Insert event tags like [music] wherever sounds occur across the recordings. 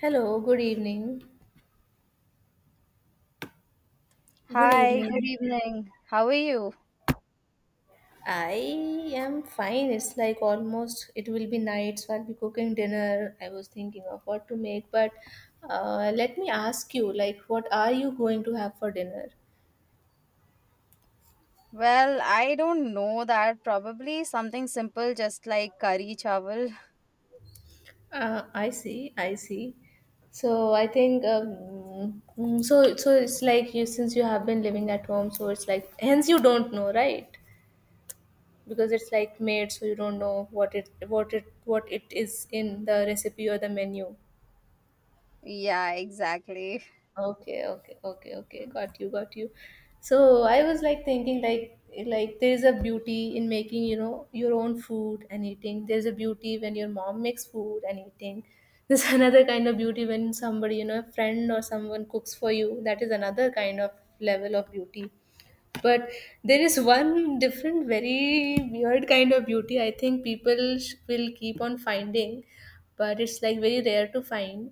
Hello, good evening. Good Hi, good evening. evening. How are you? I am fine. It's like almost it will be night, so I'll be cooking dinner. I was thinking of what to make, but let me ask you, like, what are you going to have for dinner? Well, I don't know that. Probably something simple, just like curry chawal. [laughs] I see, I see. So I think So it's like you since you have been living at home, so it's like hence you don't know, right? Because it's like made, so you don't know what it what it is in the recipe or the menu. Yeah, exactly. Okay, okay, okay, okay. Got you, got you. So I was like thinking like there's a beauty in making, you know, your own food and eating. There's a beauty when your mom makes food and eating. There's [laughs] another kind of beauty when somebody, you know, a friend or someone cooks for you. That is another kind of level of beauty. But there is one different, very weird kind of beauty I think people will keep on finding, but it's like very rare to find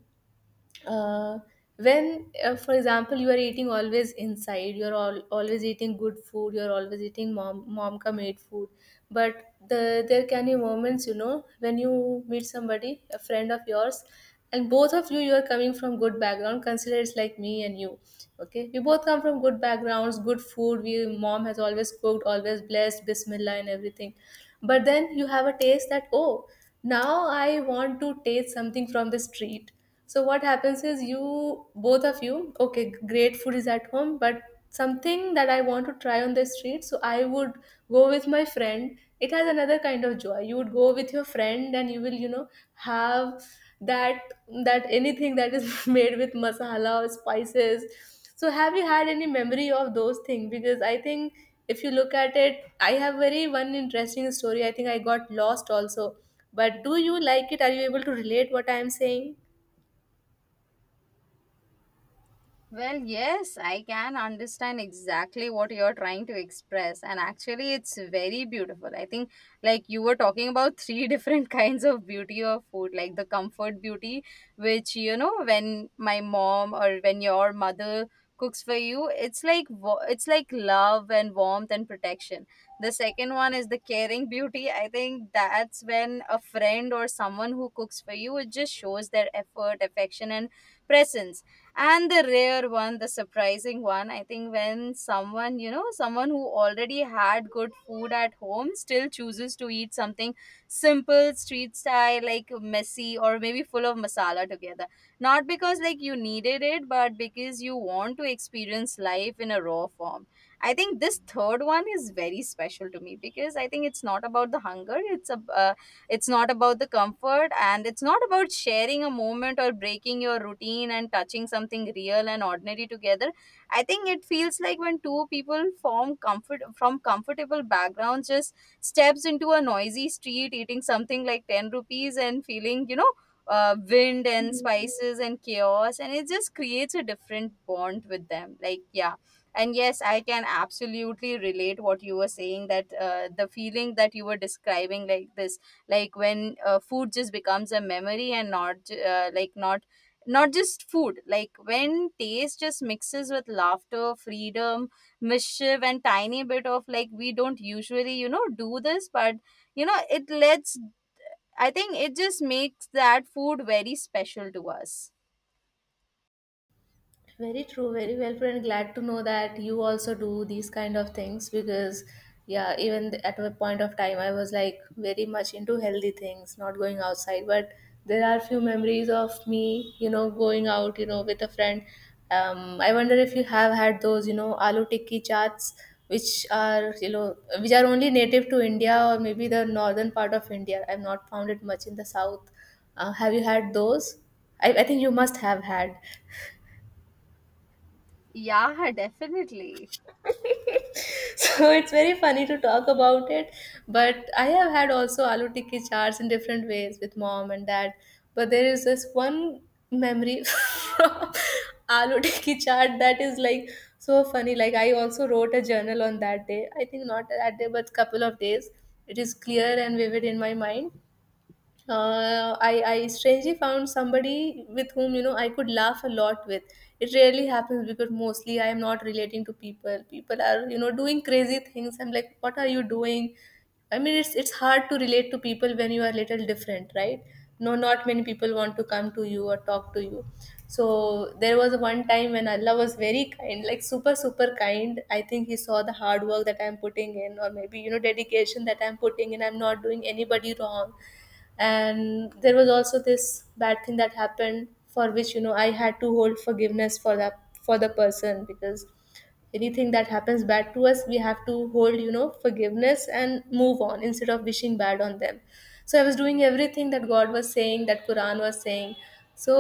uh, when for example you are eating always inside always eating good food, you're always eating mom ka made food, but there can be moments, you know, when you meet somebody, a friend of yours, and both of you, you are coming from good background, consider it's like me and you. Okay, we both come from good backgrounds, good food, we mom has always cooked, always blessed bismillah and everything, but then you have a taste that, oh, now I want to taste something from the street. So what happens is you okay, great food is at home, but something that I want to try on the street, so I would go with my friend. It has another kind of joy. You would go with your friend and you will, you know, have that anything that is [laughs] made with masala or spices. So have you had any memory of those things? Because I think if you look at it, I have very one interesting story. I think I got lost also. But do you like it? Are you able to relate what I am saying? Well, yes, I can understand exactly what you're trying to express. And actually, it's very beautiful. I think, like, you were talking about three [laughs] different kinds of beauty of food, like the comfort beauty, which, you know, when my mom or when your mother cooks for you, it's like, it's like love and warmth and protection. The second one is the caring beauty. I think that's when a friend or someone who cooks for you, it just shows their effort, affection, and presence. And the rare one, the surprising one, I think when someone, you know, someone who already had good food at home still chooses to eat something simple, street style, like messy or maybe full of masala together, not because like you needed it, but because you want to experience life in a raw form. I think this third one is very special to me because I think it's not about the hunger. It's a, it's not about the comfort, and it's not about sharing a moment or breaking your routine and touching something real and ordinary together. I think it feels like when two people form comfort from comfortable backgrounds just steps into a noisy street eating something like 10 rupees and feeling, you know, wind and spices and chaos, and it just creates a different bond with them. Like, yeah. And yes, I can absolutely relate what you were saying, that the feeling that you were describing, like this, like when food just becomes a memory and not like not, not just food, like when taste just mixes with laughter, freedom, mischief, and tiny bit of, like, we don't usually, you know, do this. But you know, it lets, I think it just makes that food very special to us. Very true, very well put, and glad to know that you also do these kind of things because, yeah, even at a point of time, I was like very much into healthy things, not going outside. But there are few memories of me, you know, going out, you know, with a friend. I wonder if you have had those, you know, aloo tikki chaats, which are, you know, which are only native to India or maybe the northern part of India. I've not found it much in the south. Have you had those? I think you must have had. Yeah, definitely. [laughs] So it's very funny to talk about it, but I have had also aloo tikki charts in different ways with mom and dad, but there is this one memory [laughs] from aloo tikki chart that is like so funny. Like, I also wrote a journal on that day. I think not that day but couple of days. It is clear and vivid in my mind. I strangely found somebody with whom, you know, I could laugh a lot with. It rarely happens because mostly I am not relating to people. People are, you know, doing crazy things. I'm like, what are you doing? I mean, it's hard to relate to people when you are little different, right? No, not many people want to come to you or talk to you. So there was one time when Allah was very kind, like super kind. I think He saw the hard work that I'm putting in, or maybe, you know, dedication that I'm putting in. I'm not doing anybody wrong, and there was also this bad thing that happened, for which, you know, I had to hold forgiveness for that, for the person, because anything that happens bad to us, we have to hold, you know, forgiveness and move on instead of wishing bad on them. So I was doing everything that God was saying, that Quran was saying. So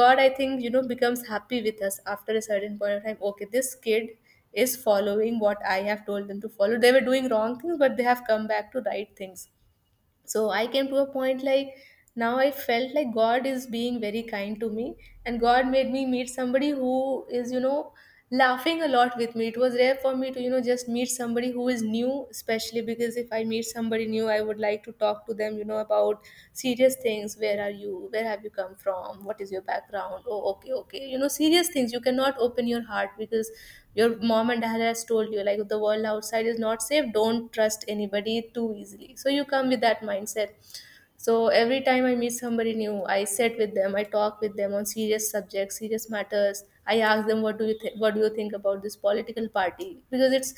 God, I think, you know, becomes happy with us after a certain point of time. Okay, this kid is following what I have told them to follow. They were doing wrong things but they have come back to right things. So I came to a point like now I felt like God is being very kind to me, and God made me meet somebody who is, you know, laughing a lot with me. It was rare for me to, you know, just meet somebody who is new, especially because if I meet somebody new, I would like to talk to them, you know, about serious things. Where are you, where have you come from, what is your background? Oh, okay, okay, you know, serious things. You cannot open your heart because your mom and dad has told you, like, the world outside is not safe, don't trust anybody too easily, so you come with that mindset. So every time I meet somebody new, I sit with them, I talk with them on serious subjects, serious matters. I ask them, "What do you think? What do you think about this political party?" Because it's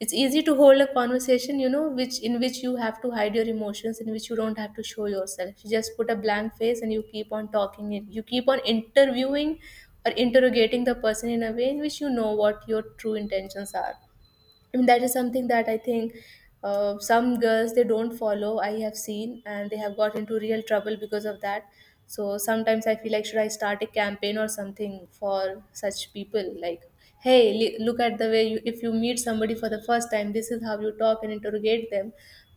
it's easy to hold a conversation, you know, which in which you have to hide your emotions, in which you don't have to show yourself. You just put a blank face and you keep on talking. You keep on interviewing or interrogating the person in a way in which you know what your true intentions are. And that is something that I think some girls they don't follow, I have seen, and they have got into real trouble because of that. So sometimes I feel like should I start a campaign or something for such people, like, hey, look at the way you, if you meet somebody for the first time, this is how you talk and interrogate them,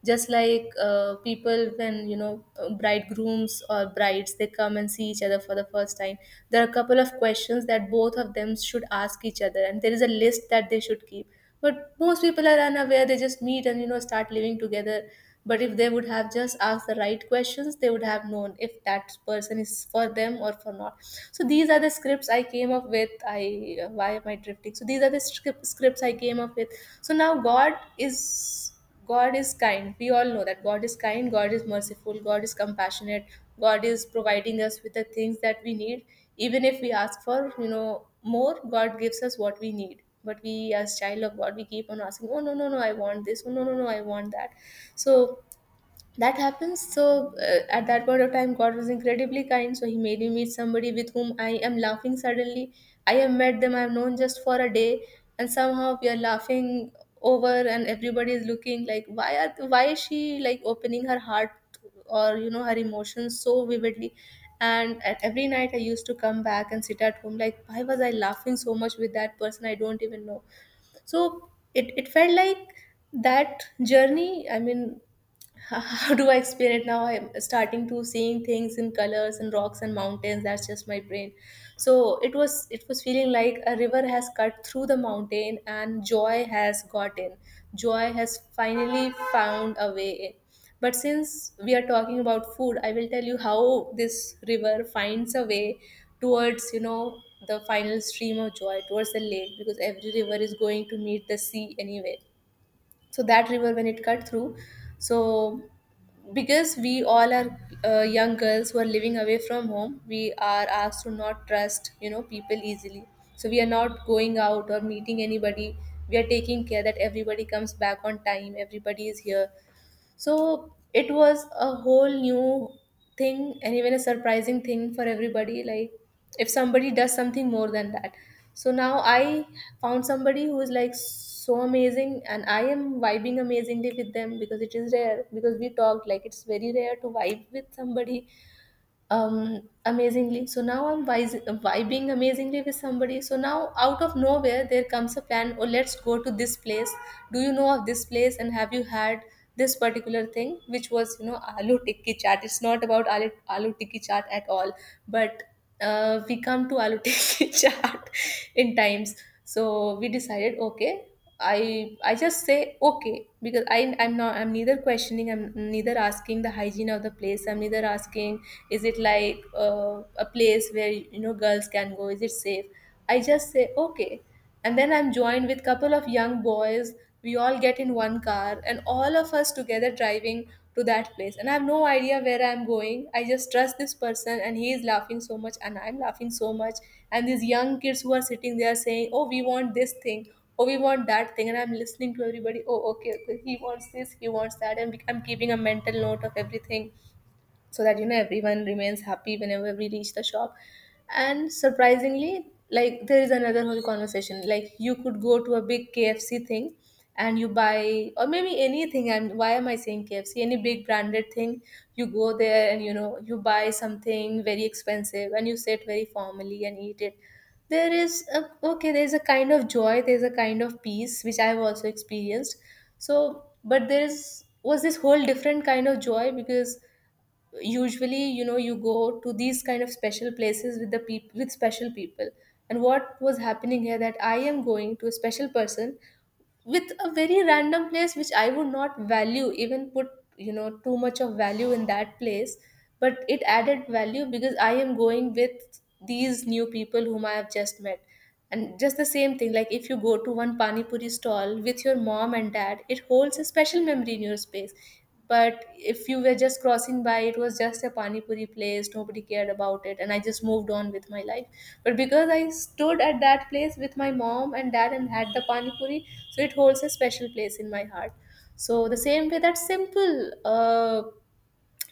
just like people when, you know, bridegrooms or brides they come and see each other for the first time. There are a couple of questions that both of them should ask each other and there is a list that they should keep, but most people are unaware, they just meet and, you know, start living together. But if they would have just asked the right questions, they would have known if that person is for them or for not. So these are the scripts I came up with. I why am I drifting? So these are the scripts I came up with. So now is God is kind. We all know that God is kind, God is merciful, God is compassionate, God is providing us with the things that we need. Even if we ask for, you know, more, God gives us what we need. But we as child of God, we keep on asking, oh no, no, no, I want this, oh no, no, no, I want that. So that happens. So at that point of time God was incredibly kind, so he made me meet somebody with whom I am laughing suddenly. I have met them, I have known just for a day, and somehow we are laughing over, and everybody is looking like, why is she like opening her heart, or, you know, her emotions so vividly. And at every night I used to come back and sit at home like, why was I laughing so much with that person, I don't even know. So it felt like that journey, I mean, [laughs] how do I explain it? Now I'm starting to seeing things in colors and rocks and mountains, that's just my brain. So it was feeling like a river has cut through the mountain and joy has got in. Joy has finally found a way in. But since we are talking about food, I will tell you how this river finds a way towards, you know, the final stream of joy, towards the lake, because every river is going to meet the sea anyway. So that river, when it cut through, so because we all are young girls who are living away from home, we are asked to not trust, you know, people easily, so we are not going out or meeting anybody. We are taking care that everybody comes back on time, everybody is here. So it was a whole new thing and even a surprising thing for everybody, like, if somebody does something more than that. So now I found somebody who is like so amazing and I am vibing amazingly with them, because it is rare, because we talked, like, it's very rare to vibe with somebody, amazingly. So now I'm vibing amazingly with Somebody, so now out of nowhere there comes a plan. Oh, let's go to this place. Do you know of this place, and have you had this particular thing which was, you know, aloo tikki chaat? It's not about aloo tikki chaat at all, but we come to aloo [laughs] tikki chaat in times. So we decided okay. I just say okay because I'm neither questioning, I'm neither asking the hygiene of the place, I'm neither asking is it like a place where, you know, girls can go, is it safe. I just say okay. And then I'm joined with couple of young boys. We all get in one car and all of us together driving to that place, and I have no idea where I'm going. I just trust this person, and he is laughing so much and I'm laughing so much. And these young kids who are sitting there saying, oh, we want this thing, oh, we want that thing, and I'm listening to everybody. Oh, okay, he wants this, he wants that, and I'm keeping a mental note of everything so that, you know, everyone remains happy whenever we reach the shop. And surprisingly, like, there is another whole conversation, like, you could go to a big KFC thing and you buy or maybe anything. And why am I saying KFC? Any big branded thing. You go there and, you know, you buy something very expensive and you sit very formally and eat it. Okay, there's a kind of joy, there's a kind of peace which I've also experienced. But there is was this whole different kind of joy, because usually, you know, you go to these kind of special places with the with special people. And what was happening here, that I am going to a special person with a very random place which I would not value, even put, you know, too much of value in that place. But it added value because I am going with these new people whom I have just met. And just the same thing, like if you go to one pani puri stall with your mom and dad, it holds a special memory in your space. But if you were just crossing by, it was just a pani puri place. Nobody cared about it, and I just moved on with my life. But because I stood at that place with my mom and dad and had the pani puri, so it holds a special place in my heart. So the same way, that simple uh,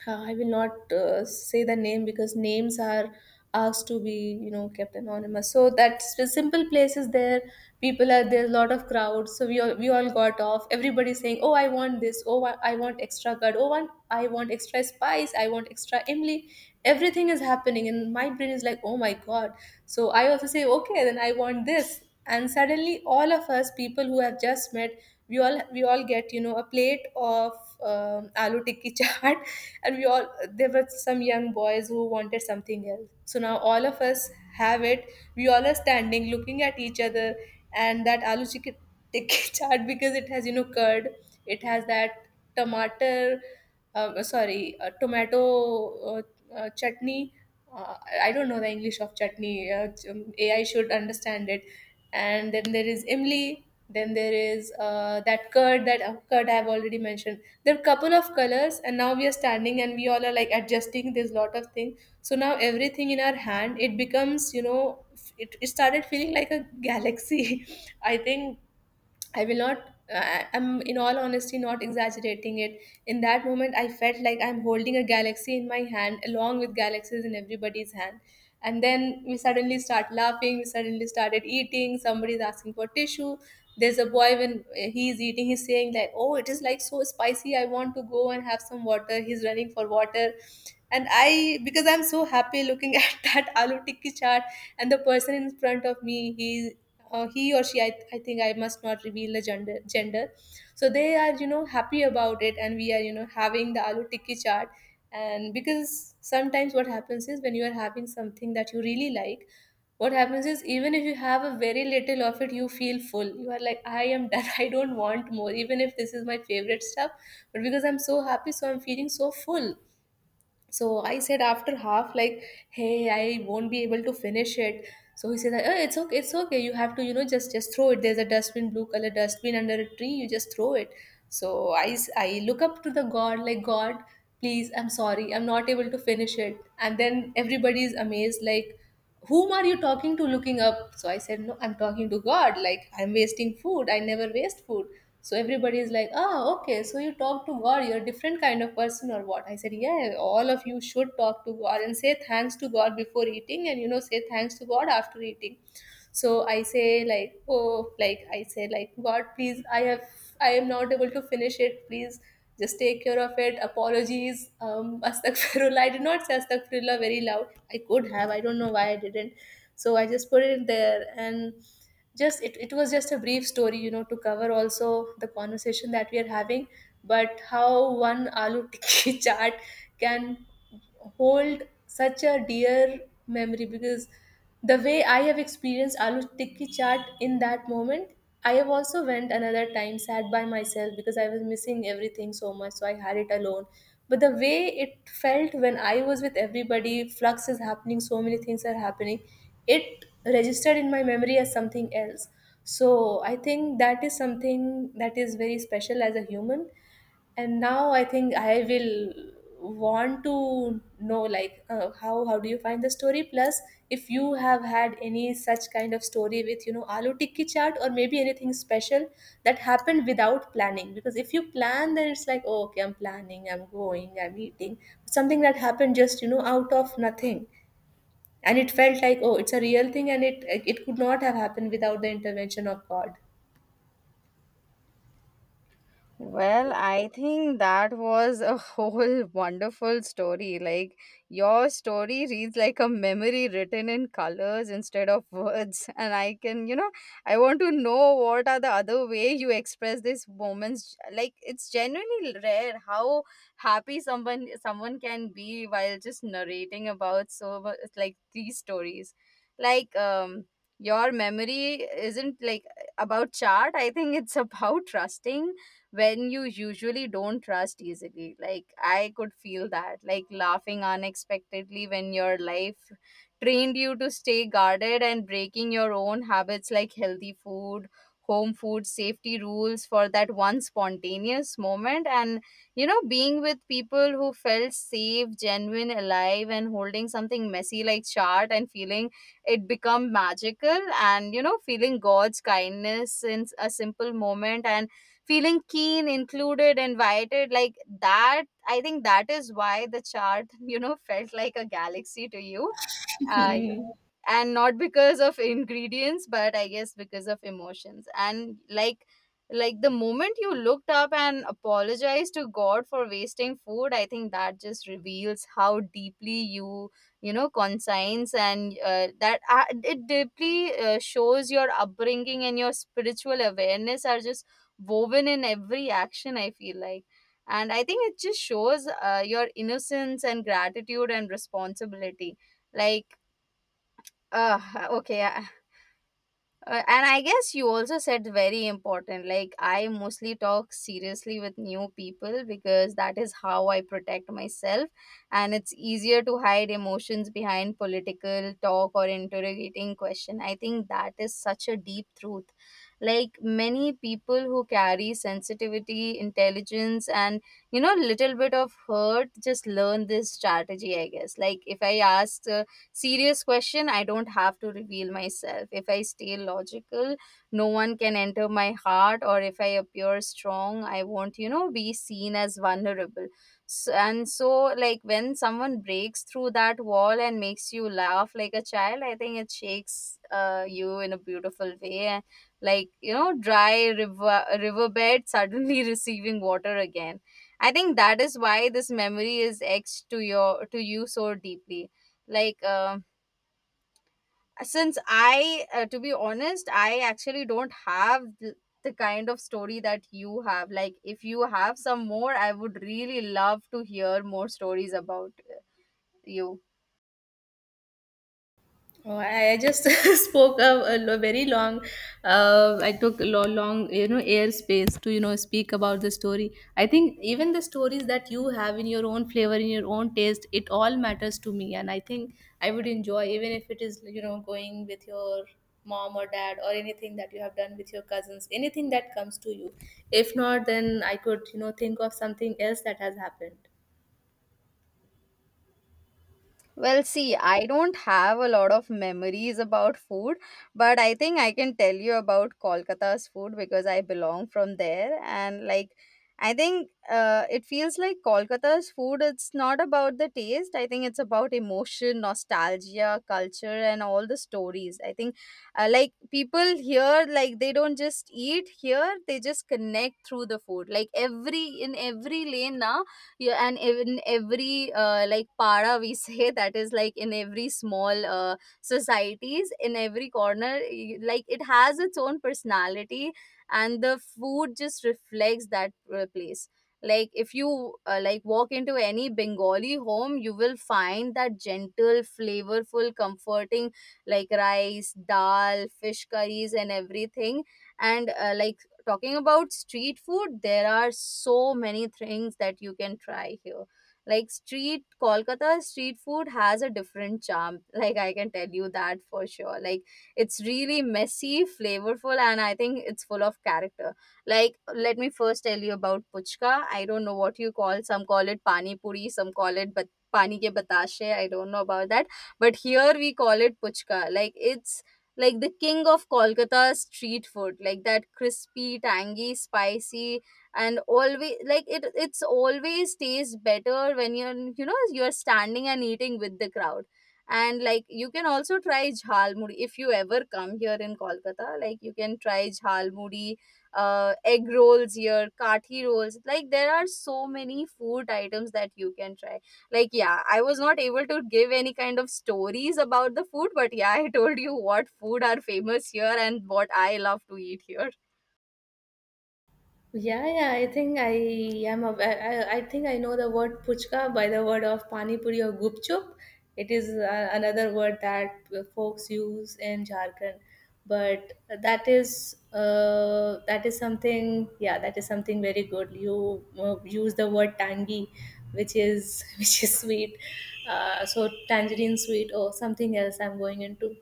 uh, I will not say the name, because names are asked to be, you know, kept anonymous. So that simple places there. People are there. A lot of crowds. So we all got off. Everybody saying, "Oh, I want this. Oh, I want extra curd. Oh, want I want extra spice. I want extra imli." Everything is happening, and my brain is like, "Oh my god!" So I also say, "Okay, then I want this." And suddenly, all of us people who have just met, we all get, you know, a plate of aloo tikki [laughs] chaat. And we all, there were some young boys who wanted something else, so now all of us have it. We all are standing, looking at each other, and that aloo chicken tikki [laughs] chaat, because it has, you know, curd, it has that tomato, sorry tomato uh, chutney. uh, I don't know the English of chutney. AI should understand it. And then there is imli. Then there is that curd, that curd I have already mentioned. There are couple of colors, and now we are standing and we all are like adjusting this lot of things. So now everything in our hand, it becomes, you know, it started feeling like a galaxy. [laughs] I think I will not, I'm in all honesty not exaggerating it. In that moment, I felt like I'm holding a galaxy in my hand along with galaxies in everybody's hand. And then we suddenly start laughing, we suddenly started eating, somebody's asking for tissue. There's a boy, when he's eating, he's saying that, oh, it is like so spicy, I want to go and have some water. He's running for water, and I, because I'm so happy looking [laughs] at that aloo tikki chart. And the person in front of me, he, he or she, I think I must not reveal the gender. So they are, you know, happy about it, and we are, you know, having the aloo tikki chart. And because sometimes what happens is, when you are having something that you really like, what happens is, even if you have a very little of it, you feel full. You are like, I am done, [laughs] I don't want more, even if this is my favorite stuff. But because I'm so happy, so I'm feeling so full. So I said after half, like, hey, I won't be able to finish it. So he said, oh, it's okay, it's okay. You have to, you know, just throw it. There's a dustbin, blue color dustbin under a tree. You just throw it. So I, I look up to the God, like, God, please, I'm sorry, I'm not able to finish it. And then everybody is amazed, like, whom are you talking to, looking up? So I said, no, I'm talking to God, like I'm wasting food, I never waste food. So everybody is like, oh okay, so you talk to God, you're a different kind of person or what? I said, yeah, all of you should talk to God and say thanks to God before eating, and, you know, say thanks to God after eating. So I say like, oh, like I say like, God, please, I have, I am not able to finish it, please, just take care of it, apologies. [laughs] Astaghfirullah. I did not say astaghfirullah very loud. I could have, I don't know why I didn't. So I just put it there. And just it was just a brief story, you know, to cover also the conversation that we are having. But how one aloo tikki [laughs] chaat can hold such a dear memory, because the way I have experienced aloo tikki chaat in that moment, I have also went another time, sat by myself, because I was missing everything so much, so I had it alone. But the way it felt when I was with everybody, flux is happening, so many things are happening, it registered in my memory as something else. So I think that is something that is very special as a human. And now I think I will want to know like, how do you find the story? Plus, if you have had any such kind of story with, you know, aloo tikki chaat, or maybe anything special that happened without planning. Because if you plan, then it's like, oh, okay, I'm planning, I'm going, I'm eating. Something that happened just, you know, out of nothing, and it felt like, oh, it's a real thing, and it could not have happened without the intervention of God. Well, I think that was a [laughs] whole wonderful story. Like, your story reads like a memory written in colors instead of words. [laughs] And I can, you know, I want to know what are the other way you express these moments. Like, it's genuinely rare how happy someone can be while just narrating about like these stories. Like, your memory isn't like about chart. I think it's [laughs] about trusting when you usually don't trust easily. Like, I could feel that, like laughing unexpectedly when your life trained you to stay guarded and breaking your own habits like healthy food, home food, safety rules for that one spontaneous moment. And, you know, being with people who felt safe, genuine, alive, and holding something messy like chart and feeling it become magical, and, you know, feeling God's kindness in a simple moment and feeling keen, included, invited. Like that, I think that is why the chart, [laughs] you know, felt like a galaxy to you. Uh, [laughs] and not because of ingredients, but I guess because of emotions. And like the moment you looked up and apologized to God for wasting food, I think that just reveals how deeply you, you know, conscience, and that it deeply shows your upbringing and your spiritual awareness are just woven in every action, I feel like. And I think it just shows your innocence and gratitude and responsibility. Like, uh, okay. And I guess you also said very important. Like, I mostly talk seriously with new people because that is how I protect myself. And it's easier to hide emotions behind political talk or interrogating question. I think that is such a deep truth. Like, many people who carry sensitivity, intelligence, and, you know, little bit of hurt just learn this strategy, I guess. Like, if I ask, serious question, I don't have to reveal myself. If I stay logical, no one can enter my heart. Or if I appear strong, I won't, you know, be seen as vulnerable. So, and so, like, when someone breaks through that wall and makes you laugh like a child, I think it shakes you in a beautiful way. And, like, you know, dry river, riverbed suddenly [laughs] receiving water again. I think that is why this memory is etched to you so deeply. Like, since I to be honest, I actually don't have the kind of story that you have. Like, if you have some more, I would really love to hear more stories about you. Oh, I just [laughs] spoke a, very long. I took a long, you know, airspace to, you know, speak about the story. I think even the stories that you have in your own flavor, in your own taste, it all matters to me. And I think I would enjoy, even if it is, you know, going with your mom or dad, or anything that you have done with your cousins, anything that comes to you. If not, then I could, you know, think of something else that has happened. Well, see, I don't have a lot of memories about food, but I think I can tell you about Kolkata's food because I belong from there. And like, I think it feels like Kolkata's food, it's not about the taste. I think it's about emotion, nostalgia, culture, and all the stories. I think like people here, like they don't just eat here, they just connect through the food. Like every, in every lane now, yeah, and in every like para we say [laughs] that is like in every small societies, in every corner, like it has its own personality, and the food just reflects that place. Like if you like walk into any Bengali home, you will find that gentle, flavorful, comforting, like rice, dal, fish curries, and everything. And like talking about street food, there are so many things that you can try here. Like street Kolkata street food has a different charm. [laughs] Like I can tell you that for sure. Like it's really messy, flavorful, and I think it's full of character. Like let me first tell you about puchka. I don't know what you call. Some call it pani puri. Some call it but pani ke batashe. I don't know about that, but here we call it puchka. Like it's like the king of Kolkata street food, like that crispy, tangy, spicy, and always like it. It's always tastes better when you're, you know, you're standing and eating with the crowd. And like you can also try jhalmuri if you ever come here in Kolkata. Like you can try jhalmuri, egg rolls here, kathi rolls. Like there are so many food items that you can try. Like, yeah, I was not able to give any kind of stories about the food, but yeah, [laughs] I told you what food are famous here and what I love to eat here. Yeah, yeah, I think I am a, I, I think I know the word puchka by the word of pani puri or gupchup. It is another word that folks use in Jharkhand, but that is something, yeah, that is something very good. You use the word tangy, which is [laughs] which is sweet. So tangerine sweet, or something else I'm going into.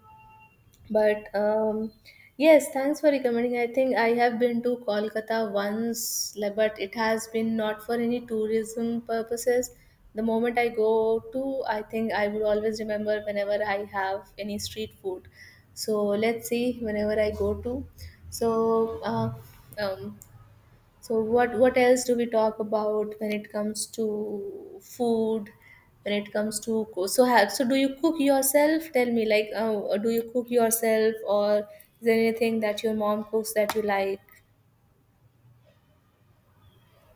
But yes, thanks for recommending. I think I have been to Kolkata once, like, but it has been not for any tourism purposes. The moment I go to, I think I would always remember whenever I have any street food. So let's see whenever I go to. So um, so what else do we talk about when it comes to food? When it comes to so have so, do you cook yourself? Tell me like, do you cook yourself, or is there anything that your mom cooks that you like?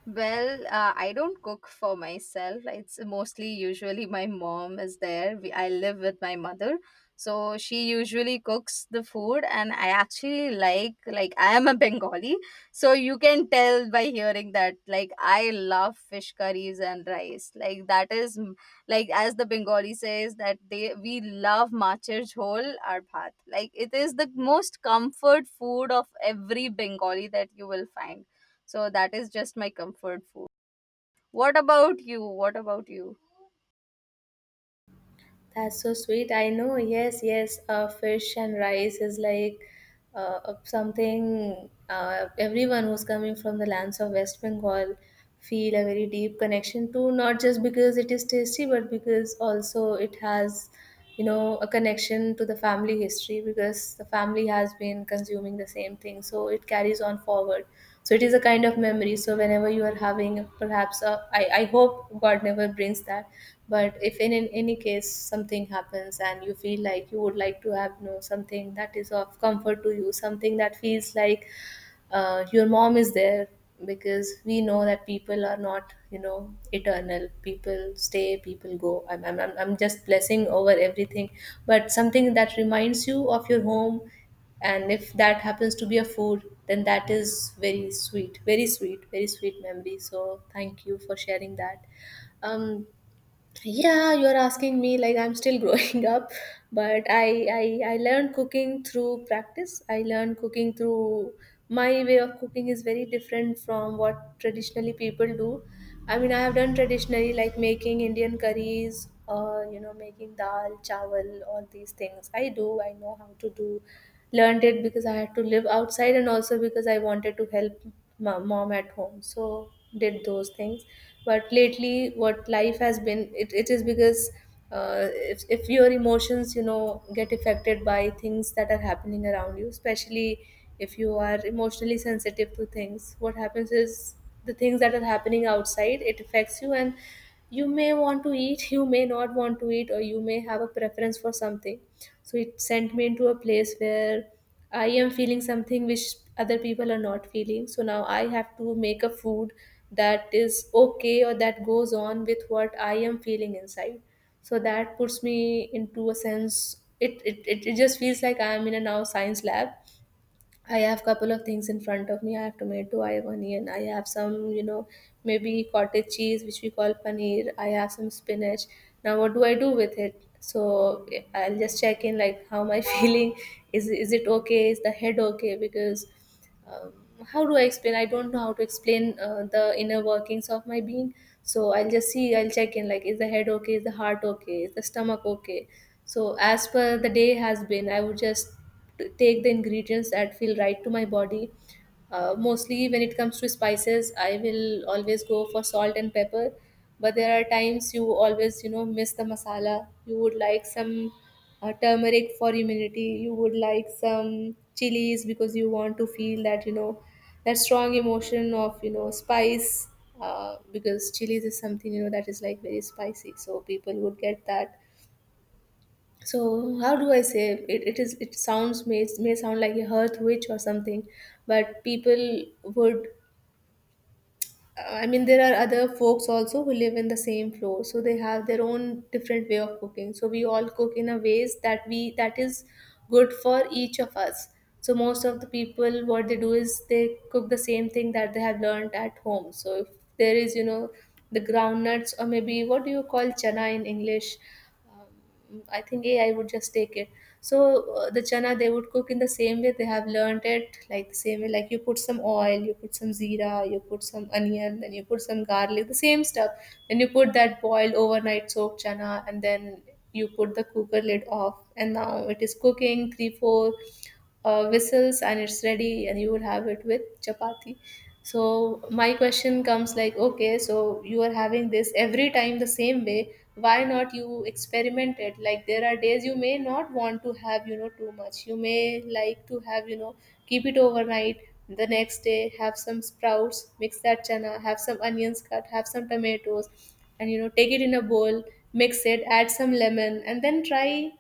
Well, I don't cook for myself. It's mostly usually my mom is there. I live with my mother. So she usually cooks the food. And I actually like I am a Bengali. So you can tell by hearing that like I love fish curries and rice. Like that is like as the Bengali says that they we love machar jhol or bhat. Like it is the most comfort food of every Bengali that you will find. So that is just my comfort food. What about you? What about you? That's so sweet. I know. Yes, yes. Fish and rice is like something everyone who's coming from the lands of West Bengal feel a very deep connection to. Not just because it is tasty, but because also it has you know a connection to the family history, because the family has been consuming the same thing, so it carries on forward. So it is a kind of memory. So whenever you are having perhaps a, I hope god never brings that, but if in any case something happens and you feel like you would like to have you know something that is of comfort to you, something that feels like your mom is there. Because we know that people are not you know eternal, people stay, people go. I'm just blessing over everything. But something that reminds you of your home, and if that happens to be a food, then that is very sweet, very sweet, very sweet memory. So thank you for sharing that. um yeah, you're asking me like I'm still [laughs] growing up. But I learned cooking through practice. I learned cooking through My way of cooking is very different from what traditionally people do. I mean, I have done traditionally like making Indian curries, or you know making dal chawal, all these things I do, I know how to do. Learned it because I had to live outside, and also because I wanted to help mom at home, so did those things. But lately what life has been, it is because if your emotions you know get affected by things that are happening around you, especially if you are emotionally sensitive to things, what happens is the things that are happening outside, it affects you. And you may want to eat, you may not want to eat, or you may have a preference for something. So it sent me into a place where I am feeling something which other people are not feeling. So now I have to make a food that is okay, or that goes on with what I am feeling inside. So that puts me into a sense, it just feels like I am in a now science lab. I have couple of things in front of me. I have tomato, I have onion, I have some, you know, maybe cottage cheese, which we call paneer. I have some spinach. Now, what do I do with it? So I'll just check in, like, how am I [laughs] feeling? Is it okay? Is the head okay? Because um, how do I explain? I don't know how to explain the inner workings of my being. So I'll just see, I'll check in like, is the head okay? Is the heart okay? Is the stomach okay? So as per the day has been, I would just take the ingredients that feel right to my body. Mostly when it comes to spices, I will always go for salt and pepper. But there are times you always, you know, miss the masala. You would like some turmeric for immunity, you would like some chilies because you want to feel that you know that strong emotion of you know spice. Because chilies is something you know that is like very spicy, so people would get that. So how do I say, it is, it sounds may sound like a hearth witch or something. But people would I mean, there are other folks also who live in the same floor, so they have their own different way of cooking. So we all cook in a ways that we that is good for each of us. So most of the people, what they do is they cook the same thing that they have learned at home. So if there is, you know, the groundnuts, or maybe what do you call chana in English? I think AI would just take it. So the chana they would cook in the same way they have learned it, like the same way, like you put some oil, you put some zira, you put some onion, then you put some garlic, the same stuff. Then you put that boiled overnight soaked chana, and then you put the cooker lid off, and now it is cooking three four whistles, and it's ready, and you will have it with chapati. So my question comes like, okay, so you are having this every time the same way, why not you experiment it? Like, there are days you may not want to have you know too much, you may like to have you know keep it overnight, the next day have some sprouts, mix that chana, have some onions cut, have some tomatoes, and you know take it in a bowl, mix it, add some lemon, and then try.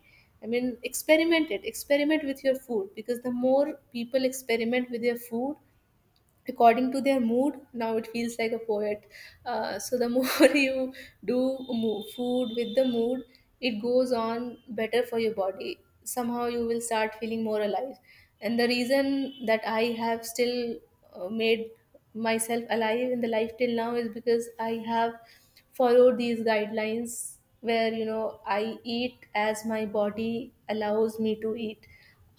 I mean, experiment it. Experiment with your food, because the more people experiment with their food, according to their mood, now it feels like a poet. So the more [laughs] you do food with the mood, it goes on better for your body, somehow you will start feeling more alive. And the reason that I have still made myself alive in the life till now is because I have followed these guidelines, where you know I eat as my body allows me to eat.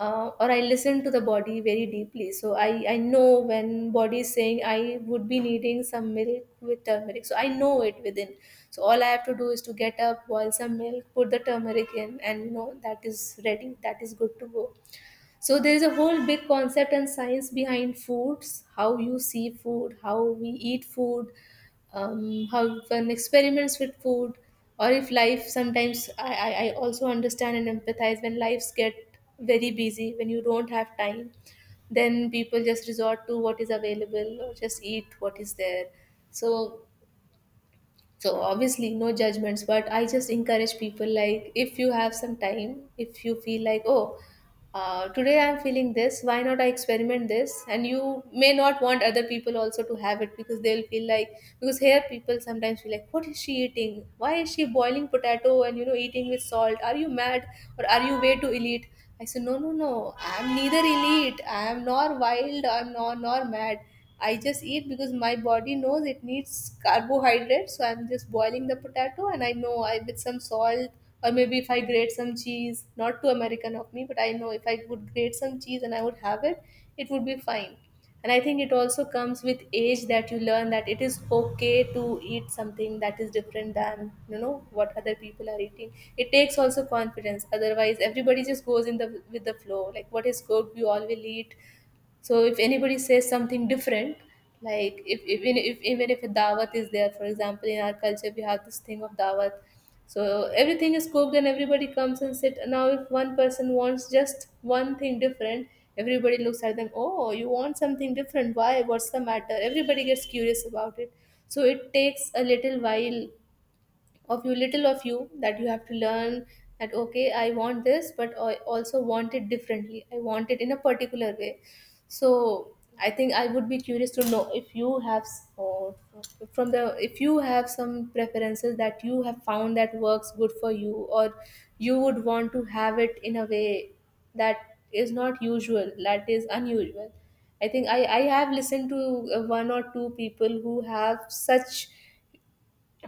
Or I listen to the body very deeply. So I know when body is saying I would be needing some milk with turmeric. So I know it within. So all I have to do is to get up, boil some milk, put the turmeric in, and you know that is ready. That is good to go. So there is a whole big concept and science behind foods, how you see food, how we eat food, how one experiments with food. Or if life sometimes, I also understand and empathize when lives get very busy, when you don't have time, then people just resort to what is available or just eat what is there. So so obviously no judgments, but I just encourage people like, if you have some time, if you feel like, oh, today I'm feeling this, why not I experiment this? And you may not want other people also to have it, because they'll feel like, because here people sometimes feel like, what is she eating, why is she boiling potato and you know eating with salt, are you mad, or are you way too elite? I said no, no, no, I'm neither elite, I'm nor wild, I'm nor nor mad. I just eat because my body knows it needs carbohydrates. So I'm just boiling the potato, and I know I with some salt, or maybe if I grate some cheese, not too American of me, but I know if I would grate some cheese and I would have it, it would be fine. And I think it also comes with age that you learn that it is okay to eat something that is different than you know what other people are eating. It takes also confidence. Otherwise, everybody just goes in the with the flow. Like what is good, we all will eat. So if anybody says something different, like if even if a dawat is there, for example, in our culture we have this thing of dawat, so everything is cooked and everybody comes and sit. Now if one person wants just one thing different, everybody looks at them, oh you want something different, why, what's the matter, everybody gets curious about it. So it takes a little while of you, little of you, that you have to learn that okay, I want this but I also want it differently, I want it in a particular way. So I think I would be curious to know if you have s- or from the, if you have some preferences that you have found that works good for you, or you would want to have it in a way that is not usual, that is unusual. I think I have listened to one or two people who have such,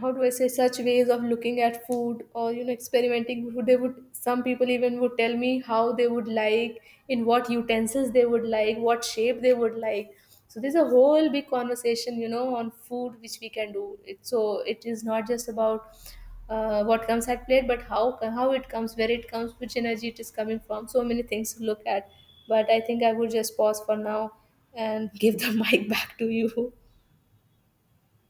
how do I say, such ways of looking at food, or you know experimenting with food. They would, some people even would tell me how they would like, in what utensils they would like, what shape they would like. So there's a whole big conversation, you know, on food which we can do. So it is not just about what comes at plate, but how it comes, where it comes, which energy it is coming from. So many things to look at. But I think I would just pause for now and give the [laughs] mic back to you.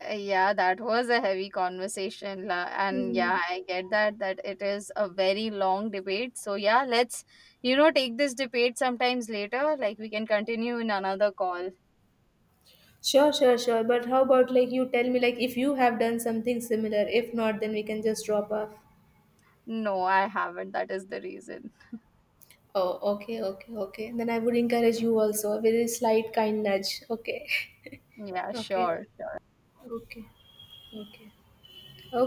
Yeah, that was a heavy conversation, and Hmm. yeah, I get that that it is a very long debate. So yeah, let's, you know, take this debate sometimes later. Like we can continue in another call. Sure, sure, sure. But how about like you tell me, like, if you have done something similar? If not, then we can just drop off. No, I haven't. That is the reason. Oh, okay, okay, okay. Then I would encourage you also, a very slight kind nudge. Okay, Yeah, [laughs] okay, sure. okay, okay, okay.